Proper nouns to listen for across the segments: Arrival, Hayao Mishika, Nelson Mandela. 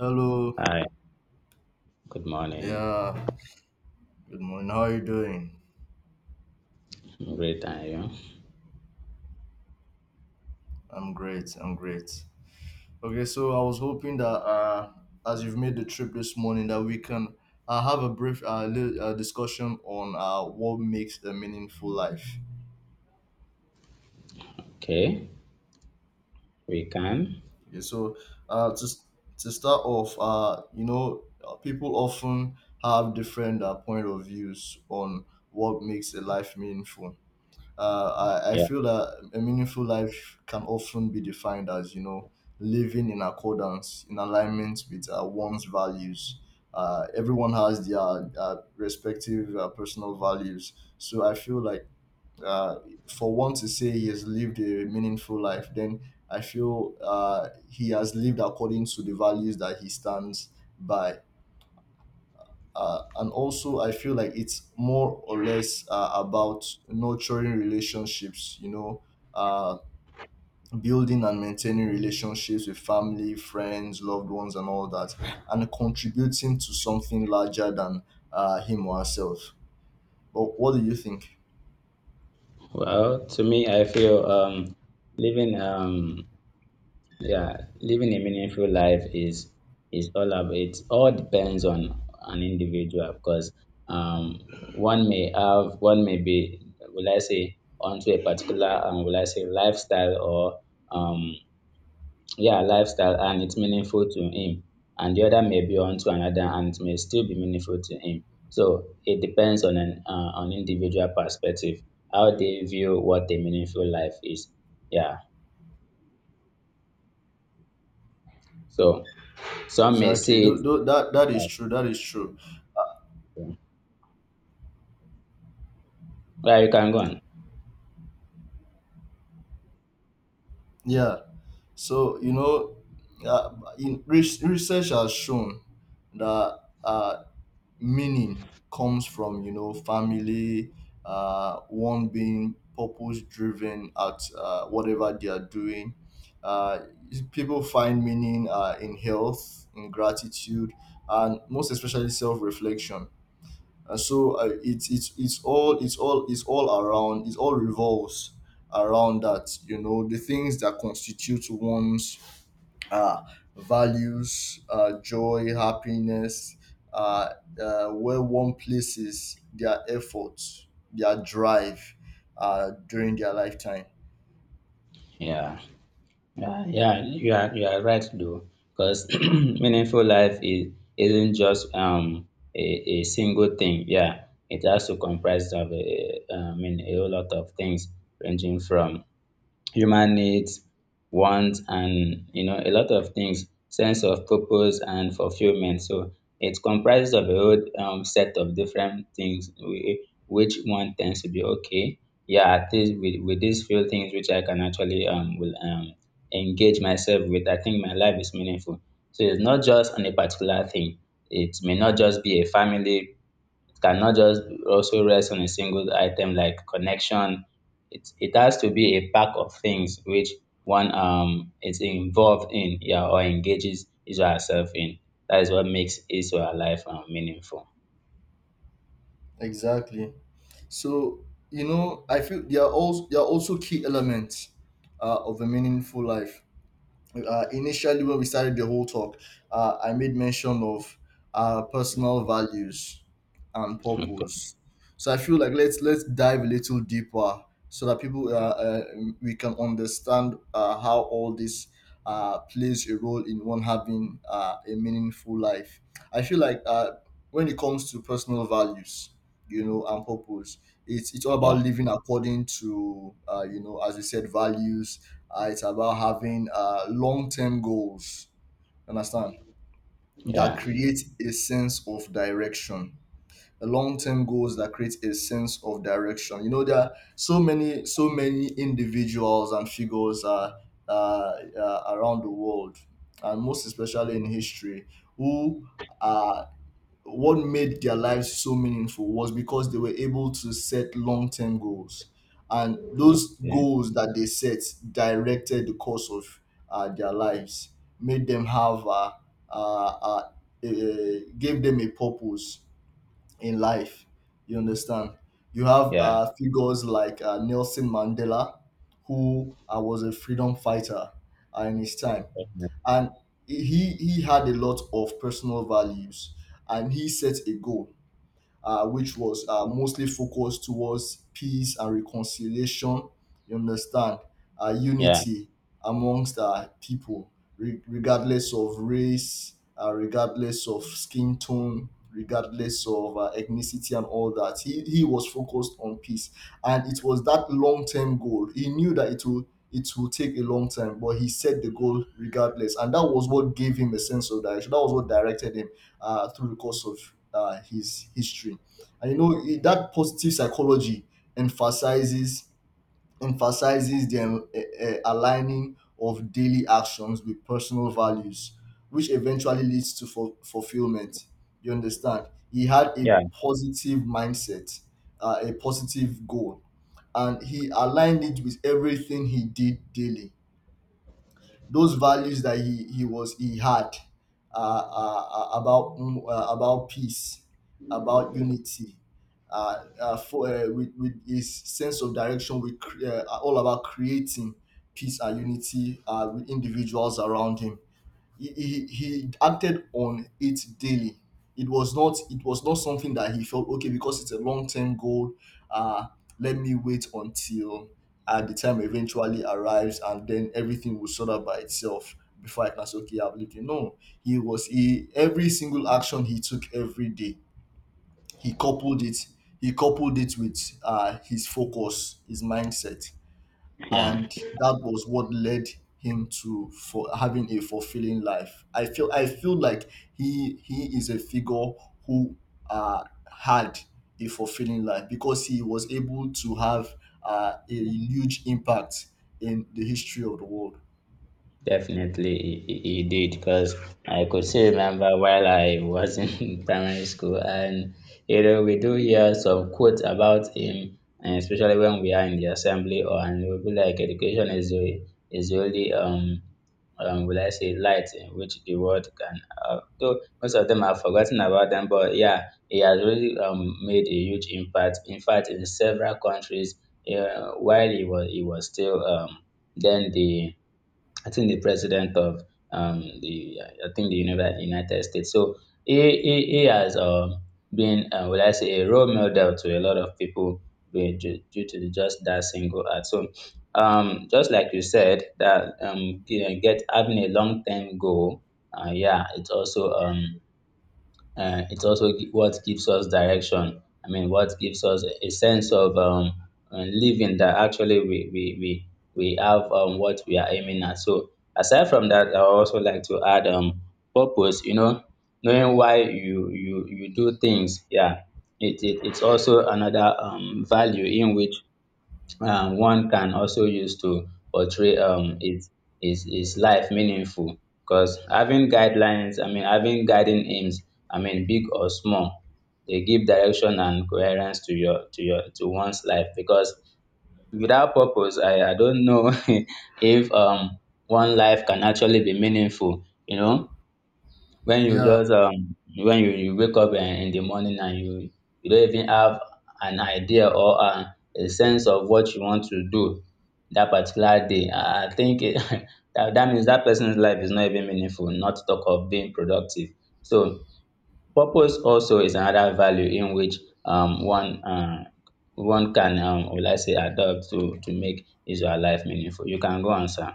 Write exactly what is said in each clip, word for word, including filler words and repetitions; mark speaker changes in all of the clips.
Speaker 1: Hello.
Speaker 2: Hi, good morning.
Speaker 1: Yeah. Good morning. How are you doing?
Speaker 2: I'm Great, and you?
Speaker 1: I'm great. I'm great. Okay, so I was hoping that uh, as you've made the trip this morning, that we can uh, have a brief uh, li- uh, discussion on uh, what makes a meaningful life.
Speaker 2: Okay, we can.
Speaker 1: Okay, so uh, to to start off, uh, you know, uh, people often have different uh, point of views on what makes a life meaningful. Uh, I, I
Speaker 2: Yeah.
Speaker 1: feel that a meaningful life can often be defined as, you know, living in accordance, in alignment with uh, one's values. Uh, everyone has their uh, respective uh, personal values. So I feel like uh, for one to say he has lived a meaningful life, then I feel uh, he has lived according to the values that he stands by, uh, and also I feel like it's more or less uh, about nurturing relationships, you know uh, building and maintaining relationships with family, friends, loved ones, and all that, and contributing to something larger than uh, him or herself. But what do you think?
Speaker 2: Well, to me, I feel um living um yeah, living a meaningful life is is all about it. All depends on an individual because um one may have, one may be, will I say, onto a particular um will I say lifestyle or um yeah, lifestyle, and it's meaningful to him, and the other may be unto another and it may still be meaningful to him. So it depends on an uh, on individual perspective, how they view what a meaningful life is. Yeah. So some may
Speaker 1: Exactly,
Speaker 2: see it
Speaker 1: do, do, that that is
Speaker 2: like,
Speaker 1: true, that is true.
Speaker 2: yeah, you can go on.
Speaker 1: Yeah, so you know, uh, in, re- research has shown that uh, meaning comes from, you know, family, uh, one being purpose driven at uh, whatever they are doing. Uh, people find meaning uh, in health, in gratitude, and most especially self-reflection. And so uh, it's it's it's all it's all it's all around, it all revolves around that, you know, the things that constitute one's uh, values, uh, joy, happiness, uh, uh, where one places their efforts, their drive uh, during their lifetime.
Speaker 2: Yeah. Yeah, yeah, you are you are right though, because meaningful life is isn't just um a, a single thing. Yeah, it has to comprise of a, a- I mean, a whole lot of things, ranging from human needs, wants, and you know, a lot of things, sense of purpose and fulfillment. So it comprises of a whole um, set of different things, whi- which one tends to be okay. Yeah, at least with, with these few things which I can actually um will um engage myself with, I think my life is meaningful. So it's not just on a particular thing. It may not just be a family, cannot just also rest on a single item like connection. It it has to be a pack of things which one um is involved in, yeah, or engages his or herself in. That is what makes his or her life um, meaningful.
Speaker 1: Exactly. So you know, I feel they are also, they are also key elements uh, of a meaningful life. Uh, initially when we started the whole talk, uh, I made mention of uh, personal values and
Speaker 2: Okay.
Speaker 1: purpose. So I feel like let's let's dive a little deeper so that people uh, uh, we can understand uh, how all this uh, plays a role in one having uh, a meaningful life. I feel like uh, when it comes to personal values, you know, and purpose, it's it's all
Speaker 2: Yeah.
Speaker 1: about living according to, uh, you know, as we said, values. Uh, it's about having uh, long term goals, you understand, that
Speaker 2: Yeah.
Speaker 1: create a sense of direction. Long term goals that create a sense of direction. You know, there are so many, so many individuals and figures, uh, uh, uh, around the world, and most especially in history, who are, what made their lives so meaningful was because they were able to set long-term goals, and those
Speaker 2: Yeah.
Speaker 1: goals that they set directed the course of uh, their lives, made them have, uh, uh, uh, uh, gave them a purpose in life. You understand? You have
Speaker 2: Yeah.
Speaker 1: uh, figures like uh, Nelson Mandela, who uh, was a freedom fighter uh, in his time, and he he had a lot of personal values, and he set a goal uh, which was uh, mostly focused towards peace and reconciliation. You understand? Uh,
Speaker 2: Yeah.
Speaker 1: unity amongst uh, people, re- regardless of race, uh, regardless of skin tone, regardless of uh, ethnicity and all that. He, he was focused on peace. And it was that long term goal. He knew that it will it will take a long time, but he set the goal regardless. And that was what gave him a sense of direction. That was what directed him uh, through the course of uh, his history. And you know it- that positive psychology emphasizes emphasizes the um, a- a- aligning of daily actions with personal values, which eventually leads to fu- fulfillment. You understand? He had a
Speaker 2: Yeah.
Speaker 1: positive mindset, uh, a positive goal, and he aligned it with everything he did daily, those values that he he was he had uh, uh, uh, about mm, uh, about peace, about unity, uh, uh, for uh, with, with his sense of direction, we cre- uh, are all about creating peace and unity uh, with individuals around him. He, he he acted on it daily. It was not it was not something that he felt okay because it's a long term goal. Uh, let me wait until uh, the time eventually arrives and then everything will sort out by itself before I can say, okay, I'm leaving. No, he was he every single action he took every day he coupled it he coupled it with uh, his focus, his mindset,
Speaker 2: Yeah.
Speaker 1: and that was what led him to, for having a fulfilling life. I feel I feel like he he is a figure who uh, had a fulfilling life because he was able to have uh, a huge impact in the history of the world.
Speaker 2: Definitely, he, he he did, because I could still remember while I was in primary school, and you know, we do hear some quotes about him, and especially when we are in the assembly, or, and we'll be like, education is the is the only um um will I say light in which the world can. Uh, though most of them have forgotten about them, but yeah, he has really um made a huge impact. In fact, in several countries, uh, while he was he was still um then the, I think, the president of um, the, I think, the Univer- United States. So he he, he has um, been, uh, will I say, a role model to a lot of people, be- due, due to the- just that single act. So um, just like you said, that, um, get get- having a long term goal, uh, yeah, it's also um, uh, it's also gi- what gives us direction. I mean, what gives us a a sense of um, uh, living, that actually we we we we have um, what we are aiming at. So aside from that, I also like to add um purpose. You know, knowing why you you you do things. Yeah, it, it it's also another um value in which um one can also use to portray um his his his life meaningful, because having guidelines, I mean having guiding aims, I mean big or small, they give direction and coherence to your, to your to one's life, because without purpose, i i don't know if um one life can actually be meaningful. You know, when you
Speaker 1: Yeah,
Speaker 2: just um when you you wake up um in the morning, and you you don't even have an idea or um a sense of what you want to do that particular day, i I think it, that that means that person's life is not even meaningful, not to talk of being productive. So purpose also is another value in which um one uh one can, um will I say, adopt to to make his or her life meaningful. You can go on, sir.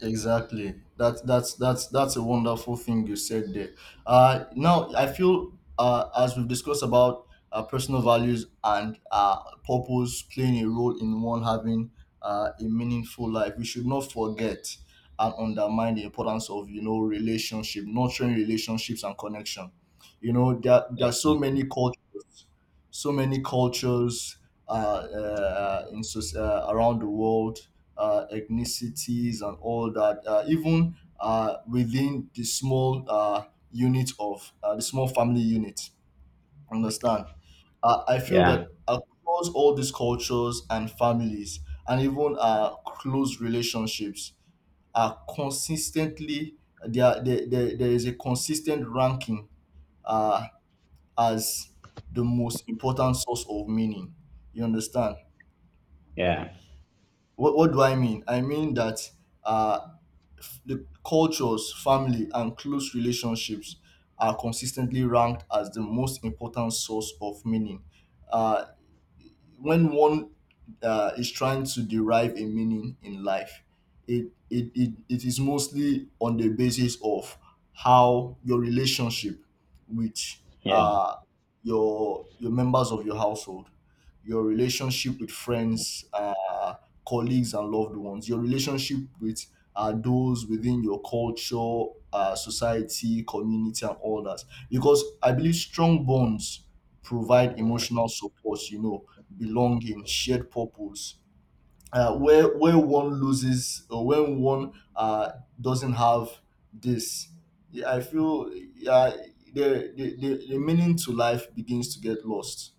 Speaker 1: exactly. That that's that's that's a wonderful thing you said there. Uh, now I feel uh, as we've discussed about uh, personal values and uh, purpose playing a role in one having uh, a meaningful life, we should not forget and undermine the importance of, you know, relationship, nurturing relationships and connection. You know, there there are so many cultures, so many cultures, uh, uh, in soc- uh, around the world, uh, ethnicities and all that, uh, even uh, within the small uh, unit of uh, the small family unit. Understand? Uh, I feel
Speaker 2: Yeah.
Speaker 1: that across all these cultures and families, and even uh, close relationships, are consistently, there, there, there, there is a consistent ranking uh, as the most important source of meaning. You understand?
Speaker 2: Yeah.
Speaker 1: What, what do I mean? I mean that uh, the cultures, family, and close relationships are consistently ranked as the most important source of meaning. Uh, when one uh, is trying to derive a meaning in life, it, it, it, it is mostly on the basis of how your relationship with
Speaker 2: Yeah.
Speaker 1: uh, your, your members of your household, your relationship with friends, uh, colleagues, and loved ones, your relationship with uh, those within your culture, uh, society, community, and all that. Because I believe strong bonds provide emotional support, you know, belonging, shared purpose. Uh, where where one loses, or when one uh, doesn't have this, yeah, I feel, yeah, the, the, the, the meaning to life begins to get lost.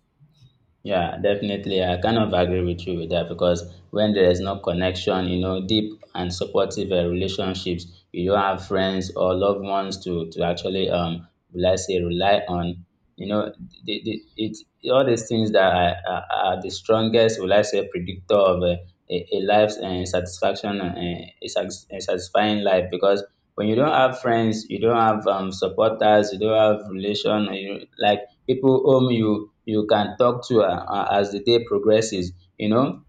Speaker 2: Yeah, definitely. I kind of agree with you with that, because when there is no connection, you know, deep and supportive uh, relationships, you don't have friends or loved ones to to actually, um, will I say, rely on. You know, the, the, it, all these things that are, are, are the strongest, will I say, predictor of uh, a, a life's uh, satisfaction, uh, a, satis- a satisfying life. Because when you don't have friends, you don't have um, supporters, you don't have relation, you, like, people whom you you can talk to, uh, uh, as the day progresses. You know,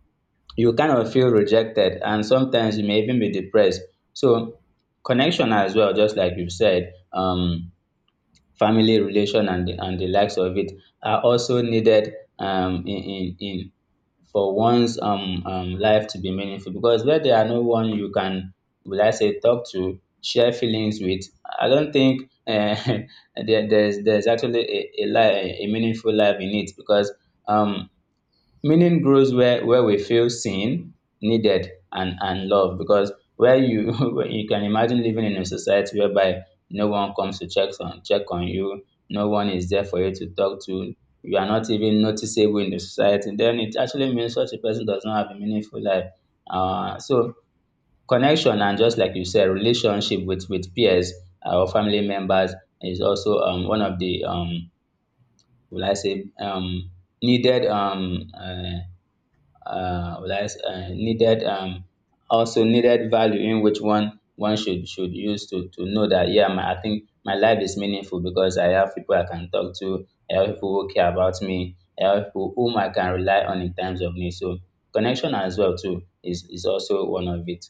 Speaker 2: you kind of feel rejected, and sometimes you may even be depressed. So connection, as well, just like you said, um family relation and the, and the likes of it are also needed, um in in in for one's, um, um, life to be meaningful. Because where there are no one you can, will I say, talk to, share feelings with, I don't think uh, there, there's there's actually a, a, li- a meaningful life in it. Because um, meaning grows where where we feel seen, needed, and and loved. Because where you where you can imagine living in a society whereby no one comes to check on check on you, no one is there for you to talk to, you are not even noticeable in the society, then it actually means such a person does not have a meaningful life. Uh so connection, and just like you said, relationship with with peers, uh, or family members, is also um one of the, um will I say, um needed, um uh, uh, lies uh, needed, um, also needed value in which one one should should use to to know that, yeah, my, I think my life is meaningful, because I have people I can talk to, I have people who care about me, I have people whom I can rely on in times of need. So connection as well too is is also one of it.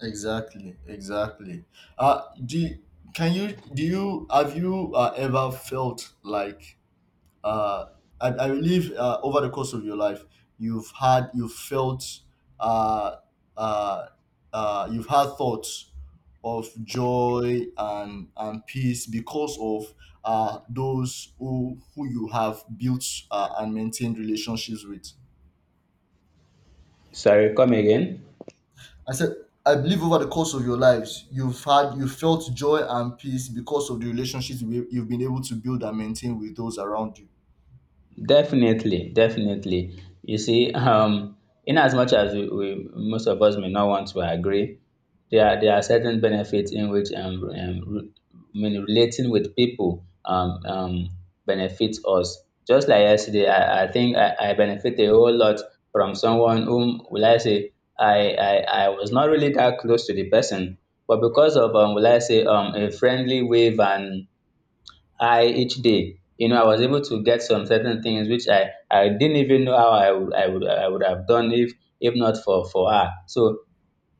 Speaker 1: Exactly, exactly. Uh, do you- can you do you have you uh, ever felt like uh, I, I believe uh, over the course of your life, you've had, you've felt, uh, uh, uh, you've had thoughts of joy and and peace because of uh, those who who you have built uh, and maintained relationships with.
Speaker 2: Sorry, come again.
Speaker 1: I said, I believe over the course of your lives, you've had, you felt joy and peace because of the relationships you- you've been able to build and maintain with those around you.
Speaker 2: Definitely, definitely. You see, um, in as much as we, we, most of us, may not want to agree, there are, there are certain benefits in which um, um re- I mean, relating with people um, um benefits us. Just like yesterday, I, I think I, I benefit a whole lot from someone whom, will I say, I, I I was not really that close to the person, but because of, um will I say, um a friendly wave and I each day. You know, I was able to get some certain things which I, I didn't even know how I would I would I would have done if if not for for her. So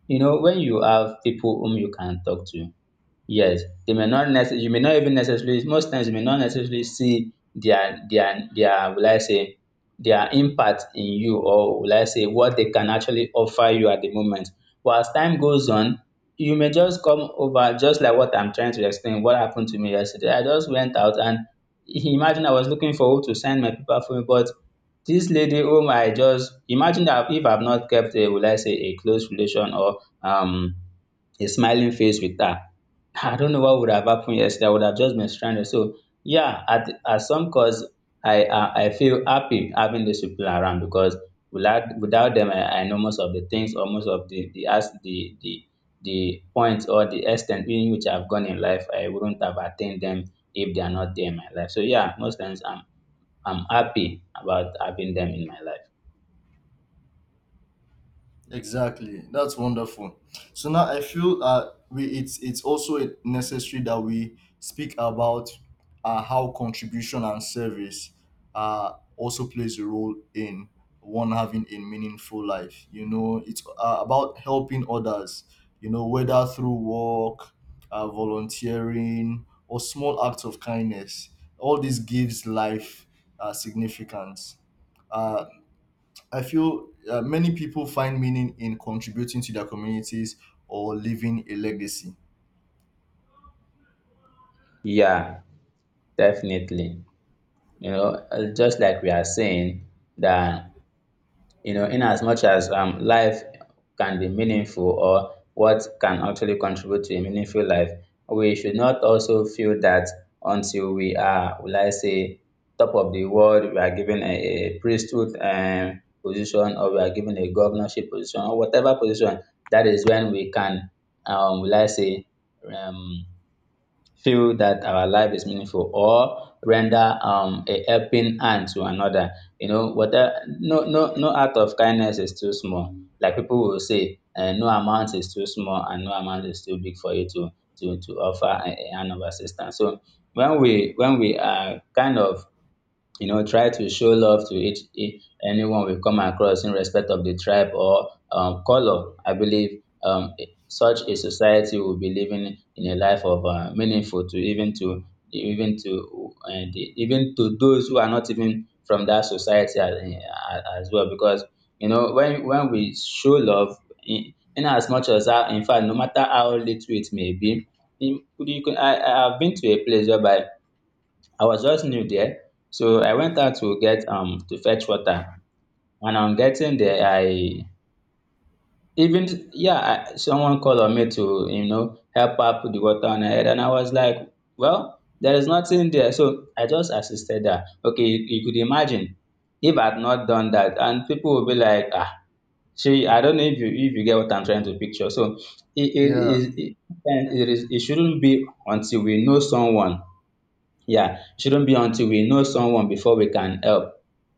Speaker 2: you know, when you have people whom you can talk to, yes, they may not necess- you may not even necessarily, most times you may not necessarily see their their their, will I say, their impact in you, or will I say what they can actually offer you at the moment. But as time goes on, you may just come over, just like what I'm trying to explain, what happened to me yesterday. I just went out, and imagine, I was looking for who to sign my paper for me, but this lady, whom I just imagine that if I've not kept a, will I say, a close relation or um a smiling face with her, I don't know what would have happened yesterday. I would have just been stranded. So yeah, at at some cause, I I, I feel happy having these people around, because without without them, I, I know most of the things, or most of the the as the the the points or the extent in which I've gone in life, I wouldn't have attained them if they are not there in my life. So yeah, most times I'm I'm happy about having them in my life.
Speaker 1: Exactly. That's wonderful. So now I feel uh, we it's it's also necessary that we speak about uh, how contribution and service uh, also plays a role in one having a meaningful life. You know, it's uh, about helping others. You know, whether through work, uh, volunteering, or small acts of kindness. All this gives life uh, significance. Uh, I feel uh, many people find meaning in contributing to their communities or leaving a legacy.
Speaker 2: Yeah, definitely. You know, uh, just like we are saying that, you know, in as much as, um, life can be meaningful or what can actually contribute to a meaningful life, we should not also feel that until we are, will I say, top of the world, we are given a, a priesthood, um, position, or we are given a governorship position or whatever position, that is when we can, um, will I say, um, feel that our life is meaningful or render um, a helping hand to another. You know, whether, no, no no act of kindness is too small. Like people will say, uh, no amount is too small and no amount is too big for you to to to offer a, a hand of assistance. So when we when we are kind of you know try to show love to each e- anyone we come across in respect of the tribe or um, color I believe um, e, such a society will be living in a life of uh, meaningful to even to even to uh, the, even to those who are not even from that society as, as well because you know when when we show love in, in as much as how in fact no matter how little it may be in, you can, I, I have been to a place whereby I was just new there. So I went out to get um to fetch water. And on getting there, I even yeah, I, someone called on me to you know help her put the water on her head, and I was like, well, there is nothing there. So I just assisted her. Okay, you, you could imagine if I had not done that, and people would be like, ah, she. I don't know if you if you get what I'm trying to picture. So it it
Speaker 1: Yeah,
Speaker 2: is it, and it is it shouldn't be until we know someone, yeah, it shouldn't be until we know someone before we can help.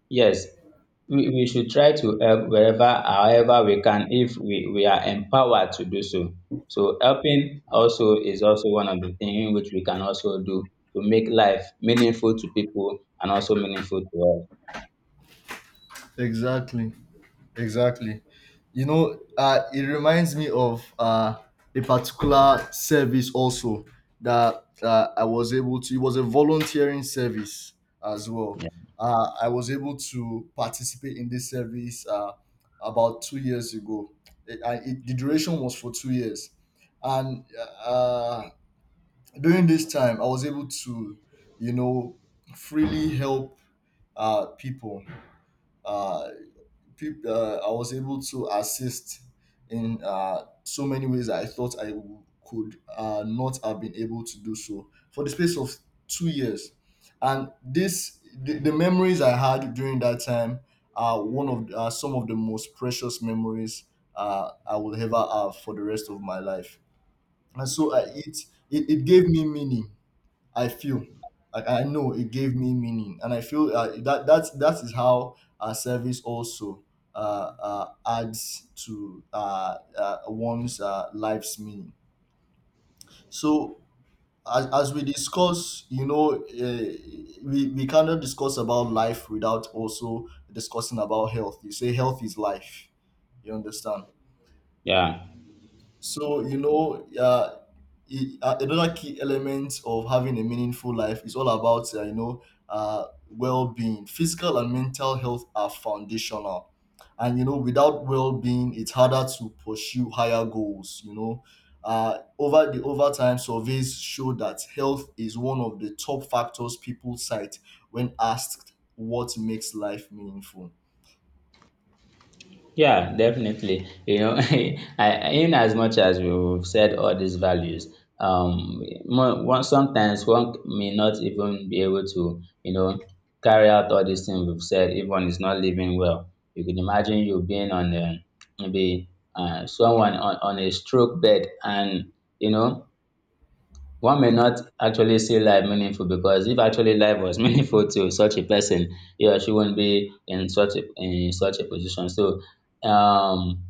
Speaker 2: Yes, we, we should try to help wherever, however we can, if we, we are empowered to do so. So helping also is also one of the things which we can also do to make life meaningful to people and also meaningful to us.
Speaker 1: exactly, exactly. You know, uh, it reminds me of uh, a particular service also that uh, I was able to. It was a volunteering service as well. Uh, I was able to participate in this service uh, about two years ago. It, I, it, the duration was for two years, and uh, during this time I was able to, you know, freely help uh, people, uh, peop- uh, I was able to assist in uh, so many ways that I thought i w- could uh, not have been able to do so for the space of two years. And this, the, the memories I had during that time are one of the, some of the most precious memories uh, I will ever have for the rest of my life. And so i it it, it gave me meaning. I feel like I know it gave me meaning, and I feel uh, that that's that is how our service also uh, uh, adds to uh, uh, one's uh, life's meaning. So, as, as we discuss, you know, uh, we we cannot discuss about life without also discussing about health. You say health is life. You understand?
Speaker 2: Yeah.
Speaker 1: So you know, uh, i- uh, another key element of having a meaningful life is all about, uh, you know, uh, well-being. Physical and mental health are foundational, and you know, without well-being, it's harder to pursue higher goals. You know, uh, over the over time surveys show that health is one of the top factors people cite when asked what makes life meaningful.
Speaker 2: Yeah, definitely. You know, I, in as much as we've said all these values, um, mo- one, sometimes one may not even be able to, you know, carry out all these things we've said if one is not living well. You can imagine you being on a, maybe uh, someone on, on a stroke bed and, you know, one may not actually see life meaningful because if actually life was meaningful to such a person, he or she would not be in such a in such a position. So um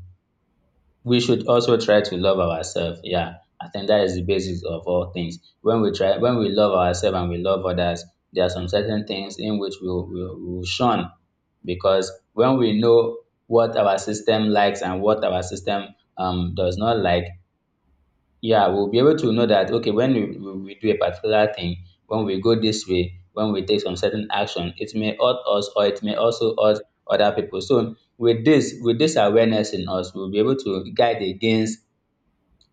Speaker 2: we should also try to love ourselves. Yeah. I think that is the basis of all things. When we try when we love ourselves and we love others, there are some certain things in which we will we'll, we'll shun because when we know what our system likes and what our system um does not like, yeah, we'll be able to know that, okay, when we, we, we do a particular thing, when we go this way, when we take some certain action, it may hurt us or it may also hurt other people. So with this, with this awareness in us, we'll be able to guide against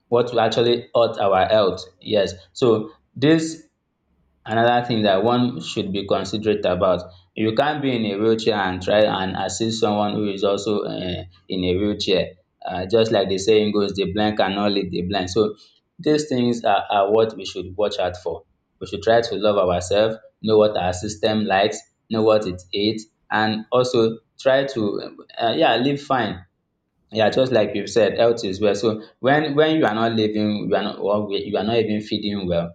Speaker 2: what will actually hurt our health. Yes. So this another thing that one should be considerate about. You can't be in a wheelchair and try and assist someone who is also uh, in a wheelchair, uh, just like the saying goes, the blind cannot lead the blind. So these things are, are what we should watch out for. We should try to love ourselves, know what our system likes, know what it eats, and also try to uh, yeah, live fine. Yeah, just like you said, health is well. So when when you are not living, you are not, or you are not even feeding well,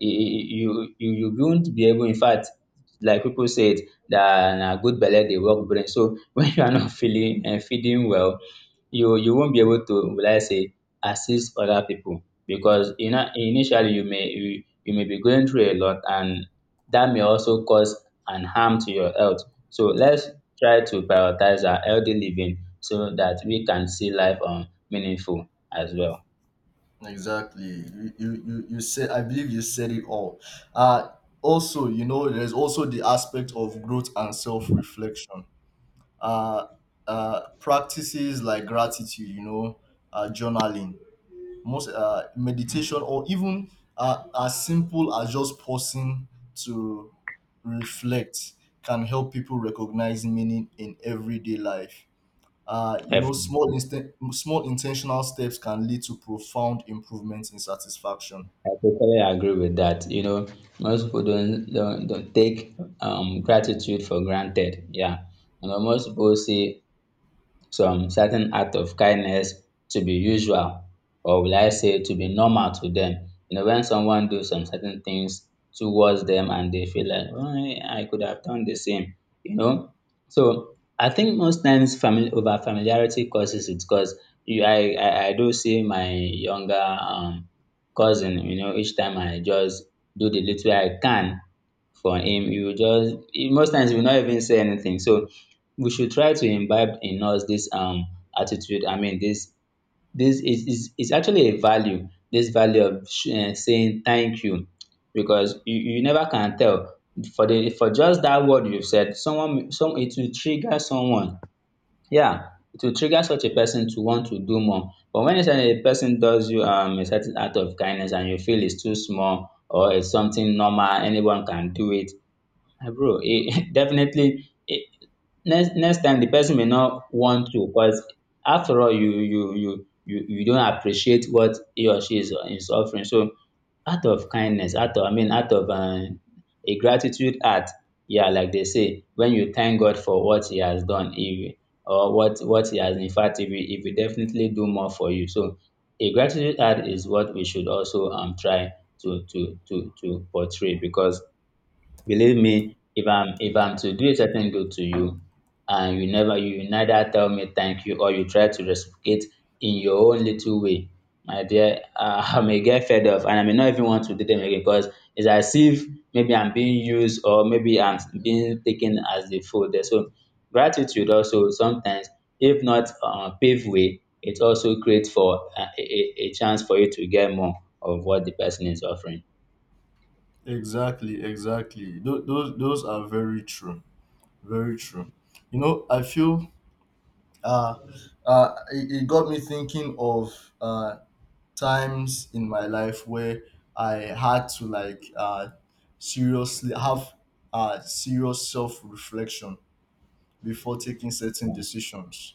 Speaker 2: you you you won't be able, in fact, like people said, that na good belle dey work brain so when you are not feeling and feeding well, you you won't be able to, will I say, assist other people because you know initially you may you, you may be going through a lot and that may also cause an harm to your health. So let's try to prioritize our healthy living so that we can see life um meaningful as well.
Speaker 1: Exactly. You, you, you you said, I believe you said it all. Uh, also, you know, there's also the aspect of growth and self reflection. Uh, uh, Practices like gratitude, you know, uh, journaling, most uh, meditation, or even uh, as simple as just pausing to reflect can help people recognize meaning in everyday life. Uh, you know, small inst Small intentional steps can lead to profound improvements in satisfaction.
Speaker 2: I totally agree with that. You know, most people don't don't, don't take um, gratitude for granted. Yeah, and most people see some certain act of kindness to be usual or, will I say, to be normal to them. You know, when someone do some certain things towards them and they feel like, oh, I could have done the same, you know. So I think most times family over familiarity causes it because you I, I I do see my younger um cousin, you know, each time I just do the little I can for him, he will just he most times he will not even say anything. So we should try to imbibe in us this um attitude, I mean, this. This is is is actually a value, this value of sh- eh, saying thank you because you you never can tell, for the for just that word you've said, someone, some it will trigger someone. Yeah, it will trigger such a person to want to do more. But when it's a person does you um a certain act of kindness and you feel it's too small or it's something normal anyone can do it. Ah bro, e definitely e, next next time the person may not want to because after all you you you you you don't appreciate what he or she is is offering. So out of kindness, out of, I mean, out of um a gratitude heart, yeah, like they say, when you thank God for what he has done, he or what what he has, in fact, if he will, he will definitely do more for you. So a gratitude heart is what we should also um try to to to to portray because, believe me, if I'm if I'm to do a certain good to you and you never you neither tell me thank you or you try to reciprocate in your own little way, my dear, uh, I may get fed up and I may not even want to do them again because it's as if maybe I'm being used or maybe I'm being taken as the fool there. So gratitude also sometimes, if not uh, pave way, it also creates for uh, a, a, a chance for you to get more of what the person is offering.
Speaker 1: Exactly, exactly. Those, those those are very true, very true. You know, I feel uh, uh, it, it got me thinking of uh, times in my life where I had to like uh, seriously have uh, serious self reflection before taking certain decisions.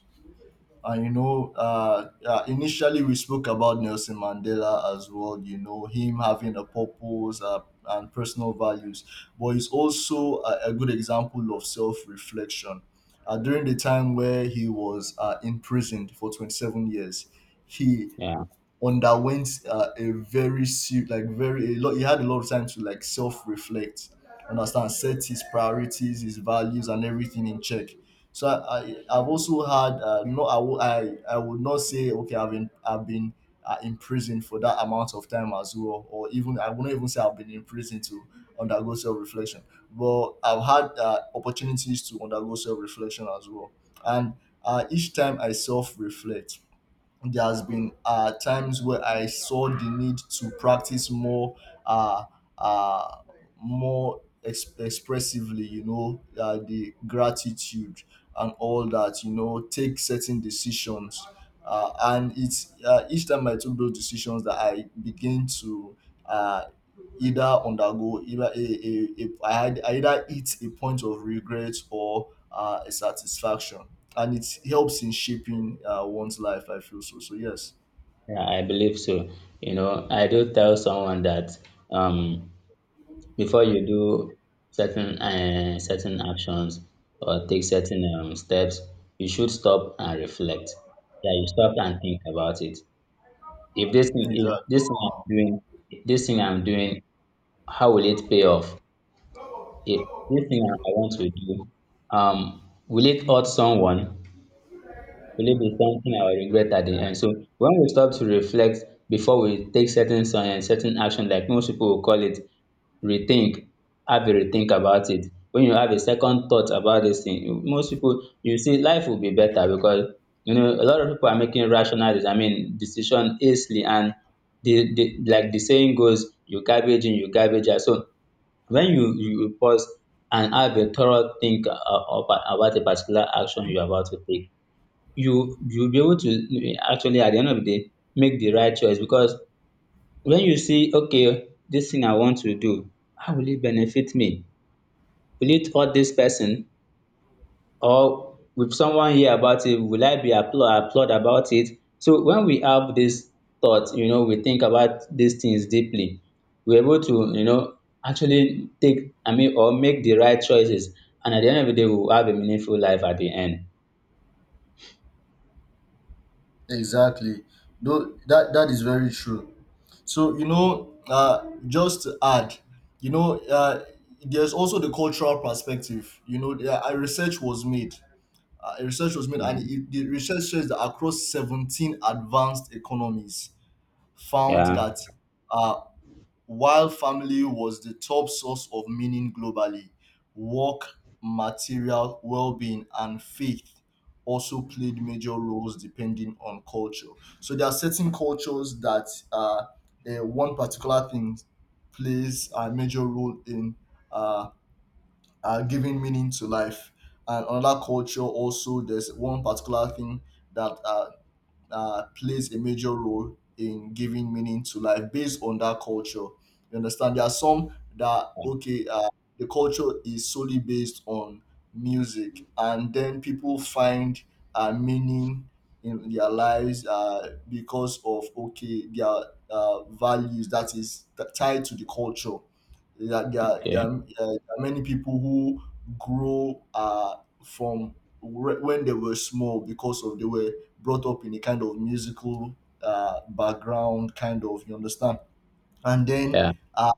Speaker 1: And you know, uh, uh, initially we spoke about Nelson Mandela as well. You know, him having a purpose uh, and personal values, but he's also a, a good example of self-reflection. Uh, during the time where he was uh, imprisoned for twenty-seven years, he
Speaker 2: Yeah.
Speaker 1: underwent uh, a very se- like very a lot he had a lot of time to like self-reflect, understand, set his priorities, his values and everything in check. So i, I i've also had uh, no I, wo- I I would not say okay i've been i've been uh, in prison for that amount of time as well, or even i wouldn't even say i've been in prison to undergo self-reflection, but i've had uh, opportunities to undergo self-reflection as well. And uh, each time i self-reflect, there has been uh, times where I saw the need to practice more, uh, uh, more ex- expressively. You know, uh, the gratitude and all that. You know, take certain decisions, uh, and it's uh, each time I took those decisions that I begin to. Uh, Either undergo either a, a, a I, had- I either hit a point of regret or uh, a satisfaction, and it helps in shaping uh, one's life, I feel. So so yes,
Speaker 2: Yeah, I believe so. You know, I do tell someone that um, before you do certain uh, certain actions or take certain um, steps, you should stop and reflect. Yeah, you stop and think about it. If this thing, if
Speaker 1: exactly,
Speaker 2: this thing I'm doing, this thing I'm doing, how will it pay off? If this thing I I want to do, um, will it hurt someone? Will it be something I will regret at the end? So when we stop to reflect before we take certain so- um certain action, like most people will call it, rethink, have a rethink about it. When you have a second thought about this thing, you- most people you see life will be better because you know a lot of people are making rational, I mean, decision easily, and the, the like the saying goes, you garbage in, you garbage out. So when you you pause and have a thorough think uh, about about a particular action you're about to take, you you'll be able to actually at the end of the day make the right choice because when you see, okay, this thing I want to do, how will it benefit me? Will it hurt this person or will someone hear about it? Will I be applaud applaud about it? So when we have this thought, you know, we think about these things deeply, we're able to, you know, actually take, I mean, or make the right choices, and at the end of the day we will have a meaningful life at the end.
Speaker 1: exactly. Though that that is very true. So you know, uh, just to add, you know uh, there's also the cultural perspective. You know there, a research was made uh, a research was made and it, the research says that across seventeen advanced economies found
Speaker 2: Yeah,
Speaker 1: that uh, while family was the top source of meaning globally, work, material well-being, and faith also played major roles depending on culture. So there are certain cultures that uh, eh, one particular thing plays a major role in uh, uh, giving meaning to life. And another culture also, there's one particular thing that uh, uh, plays a major role in giving meaning to life based on that culture. You understand? There are some that okay, uh, the culture is solely based on music, and then people find uh, meaning in their lives uh, because of okay their uh, values that is t- tied to the culture. There, are- there, are- there,
Speaker 2: okay,
Speaker 1: are, uh, there are many people who grow uh, from whe- when they were small, because of they were brought up in a kind of musical uh, background, kind of, you understand, and then
Speaker 2: yeah,
Speaker 1: uh,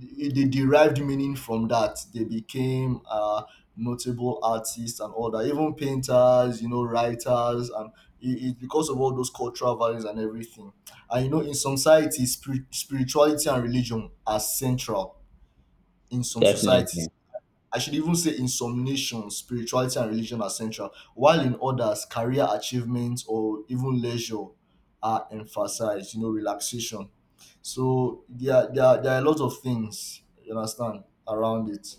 Speaker 1: they they derived meaning from that. They became uh, notable artists and all that, even painters, you know, writers, and it- it's because of all those cultural values and everything. And you know, in some societies, spirit- spirituality and religion are central in some societies.
Speaker 2: definitely.
Speaker 1: I should even say in some nations, spirituality and religion are central, while in others, career achievements or even leisure are emphasized, you know, relaxation. So there, there, there are a lot of things, you understand, around it.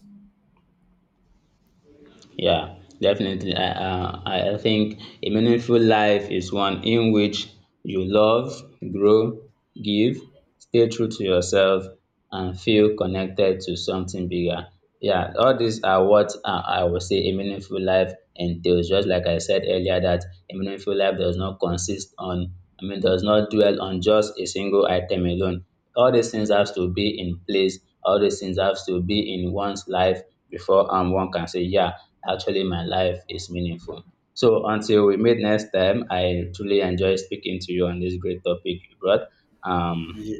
Speaker 2: Yeah, definitely. I, uh, I I think a meaningful life is one in which you love, grow, give, stay true to yourself, and feel connected to something bigger. Yeah, all these are what uh, I would say a meaningful life entails. Just like I said earlier, that a meaningful life does not consist on, I mean, does not dwell on just a single item alone. All these things have to be in place. All these things have to be in one's life before um one can say, yeah, actually my life is meaningful. So until we meet next time, I truly enjoy speaking to you on this great topic you brought. Um,
Speaker 1: Yeah,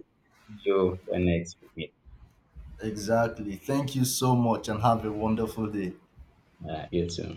Speaker 2: see you when next we meet.
Speaker 1: exactly. Thank you so much and have a wonderful day.
Speaker 2: Uh, you too.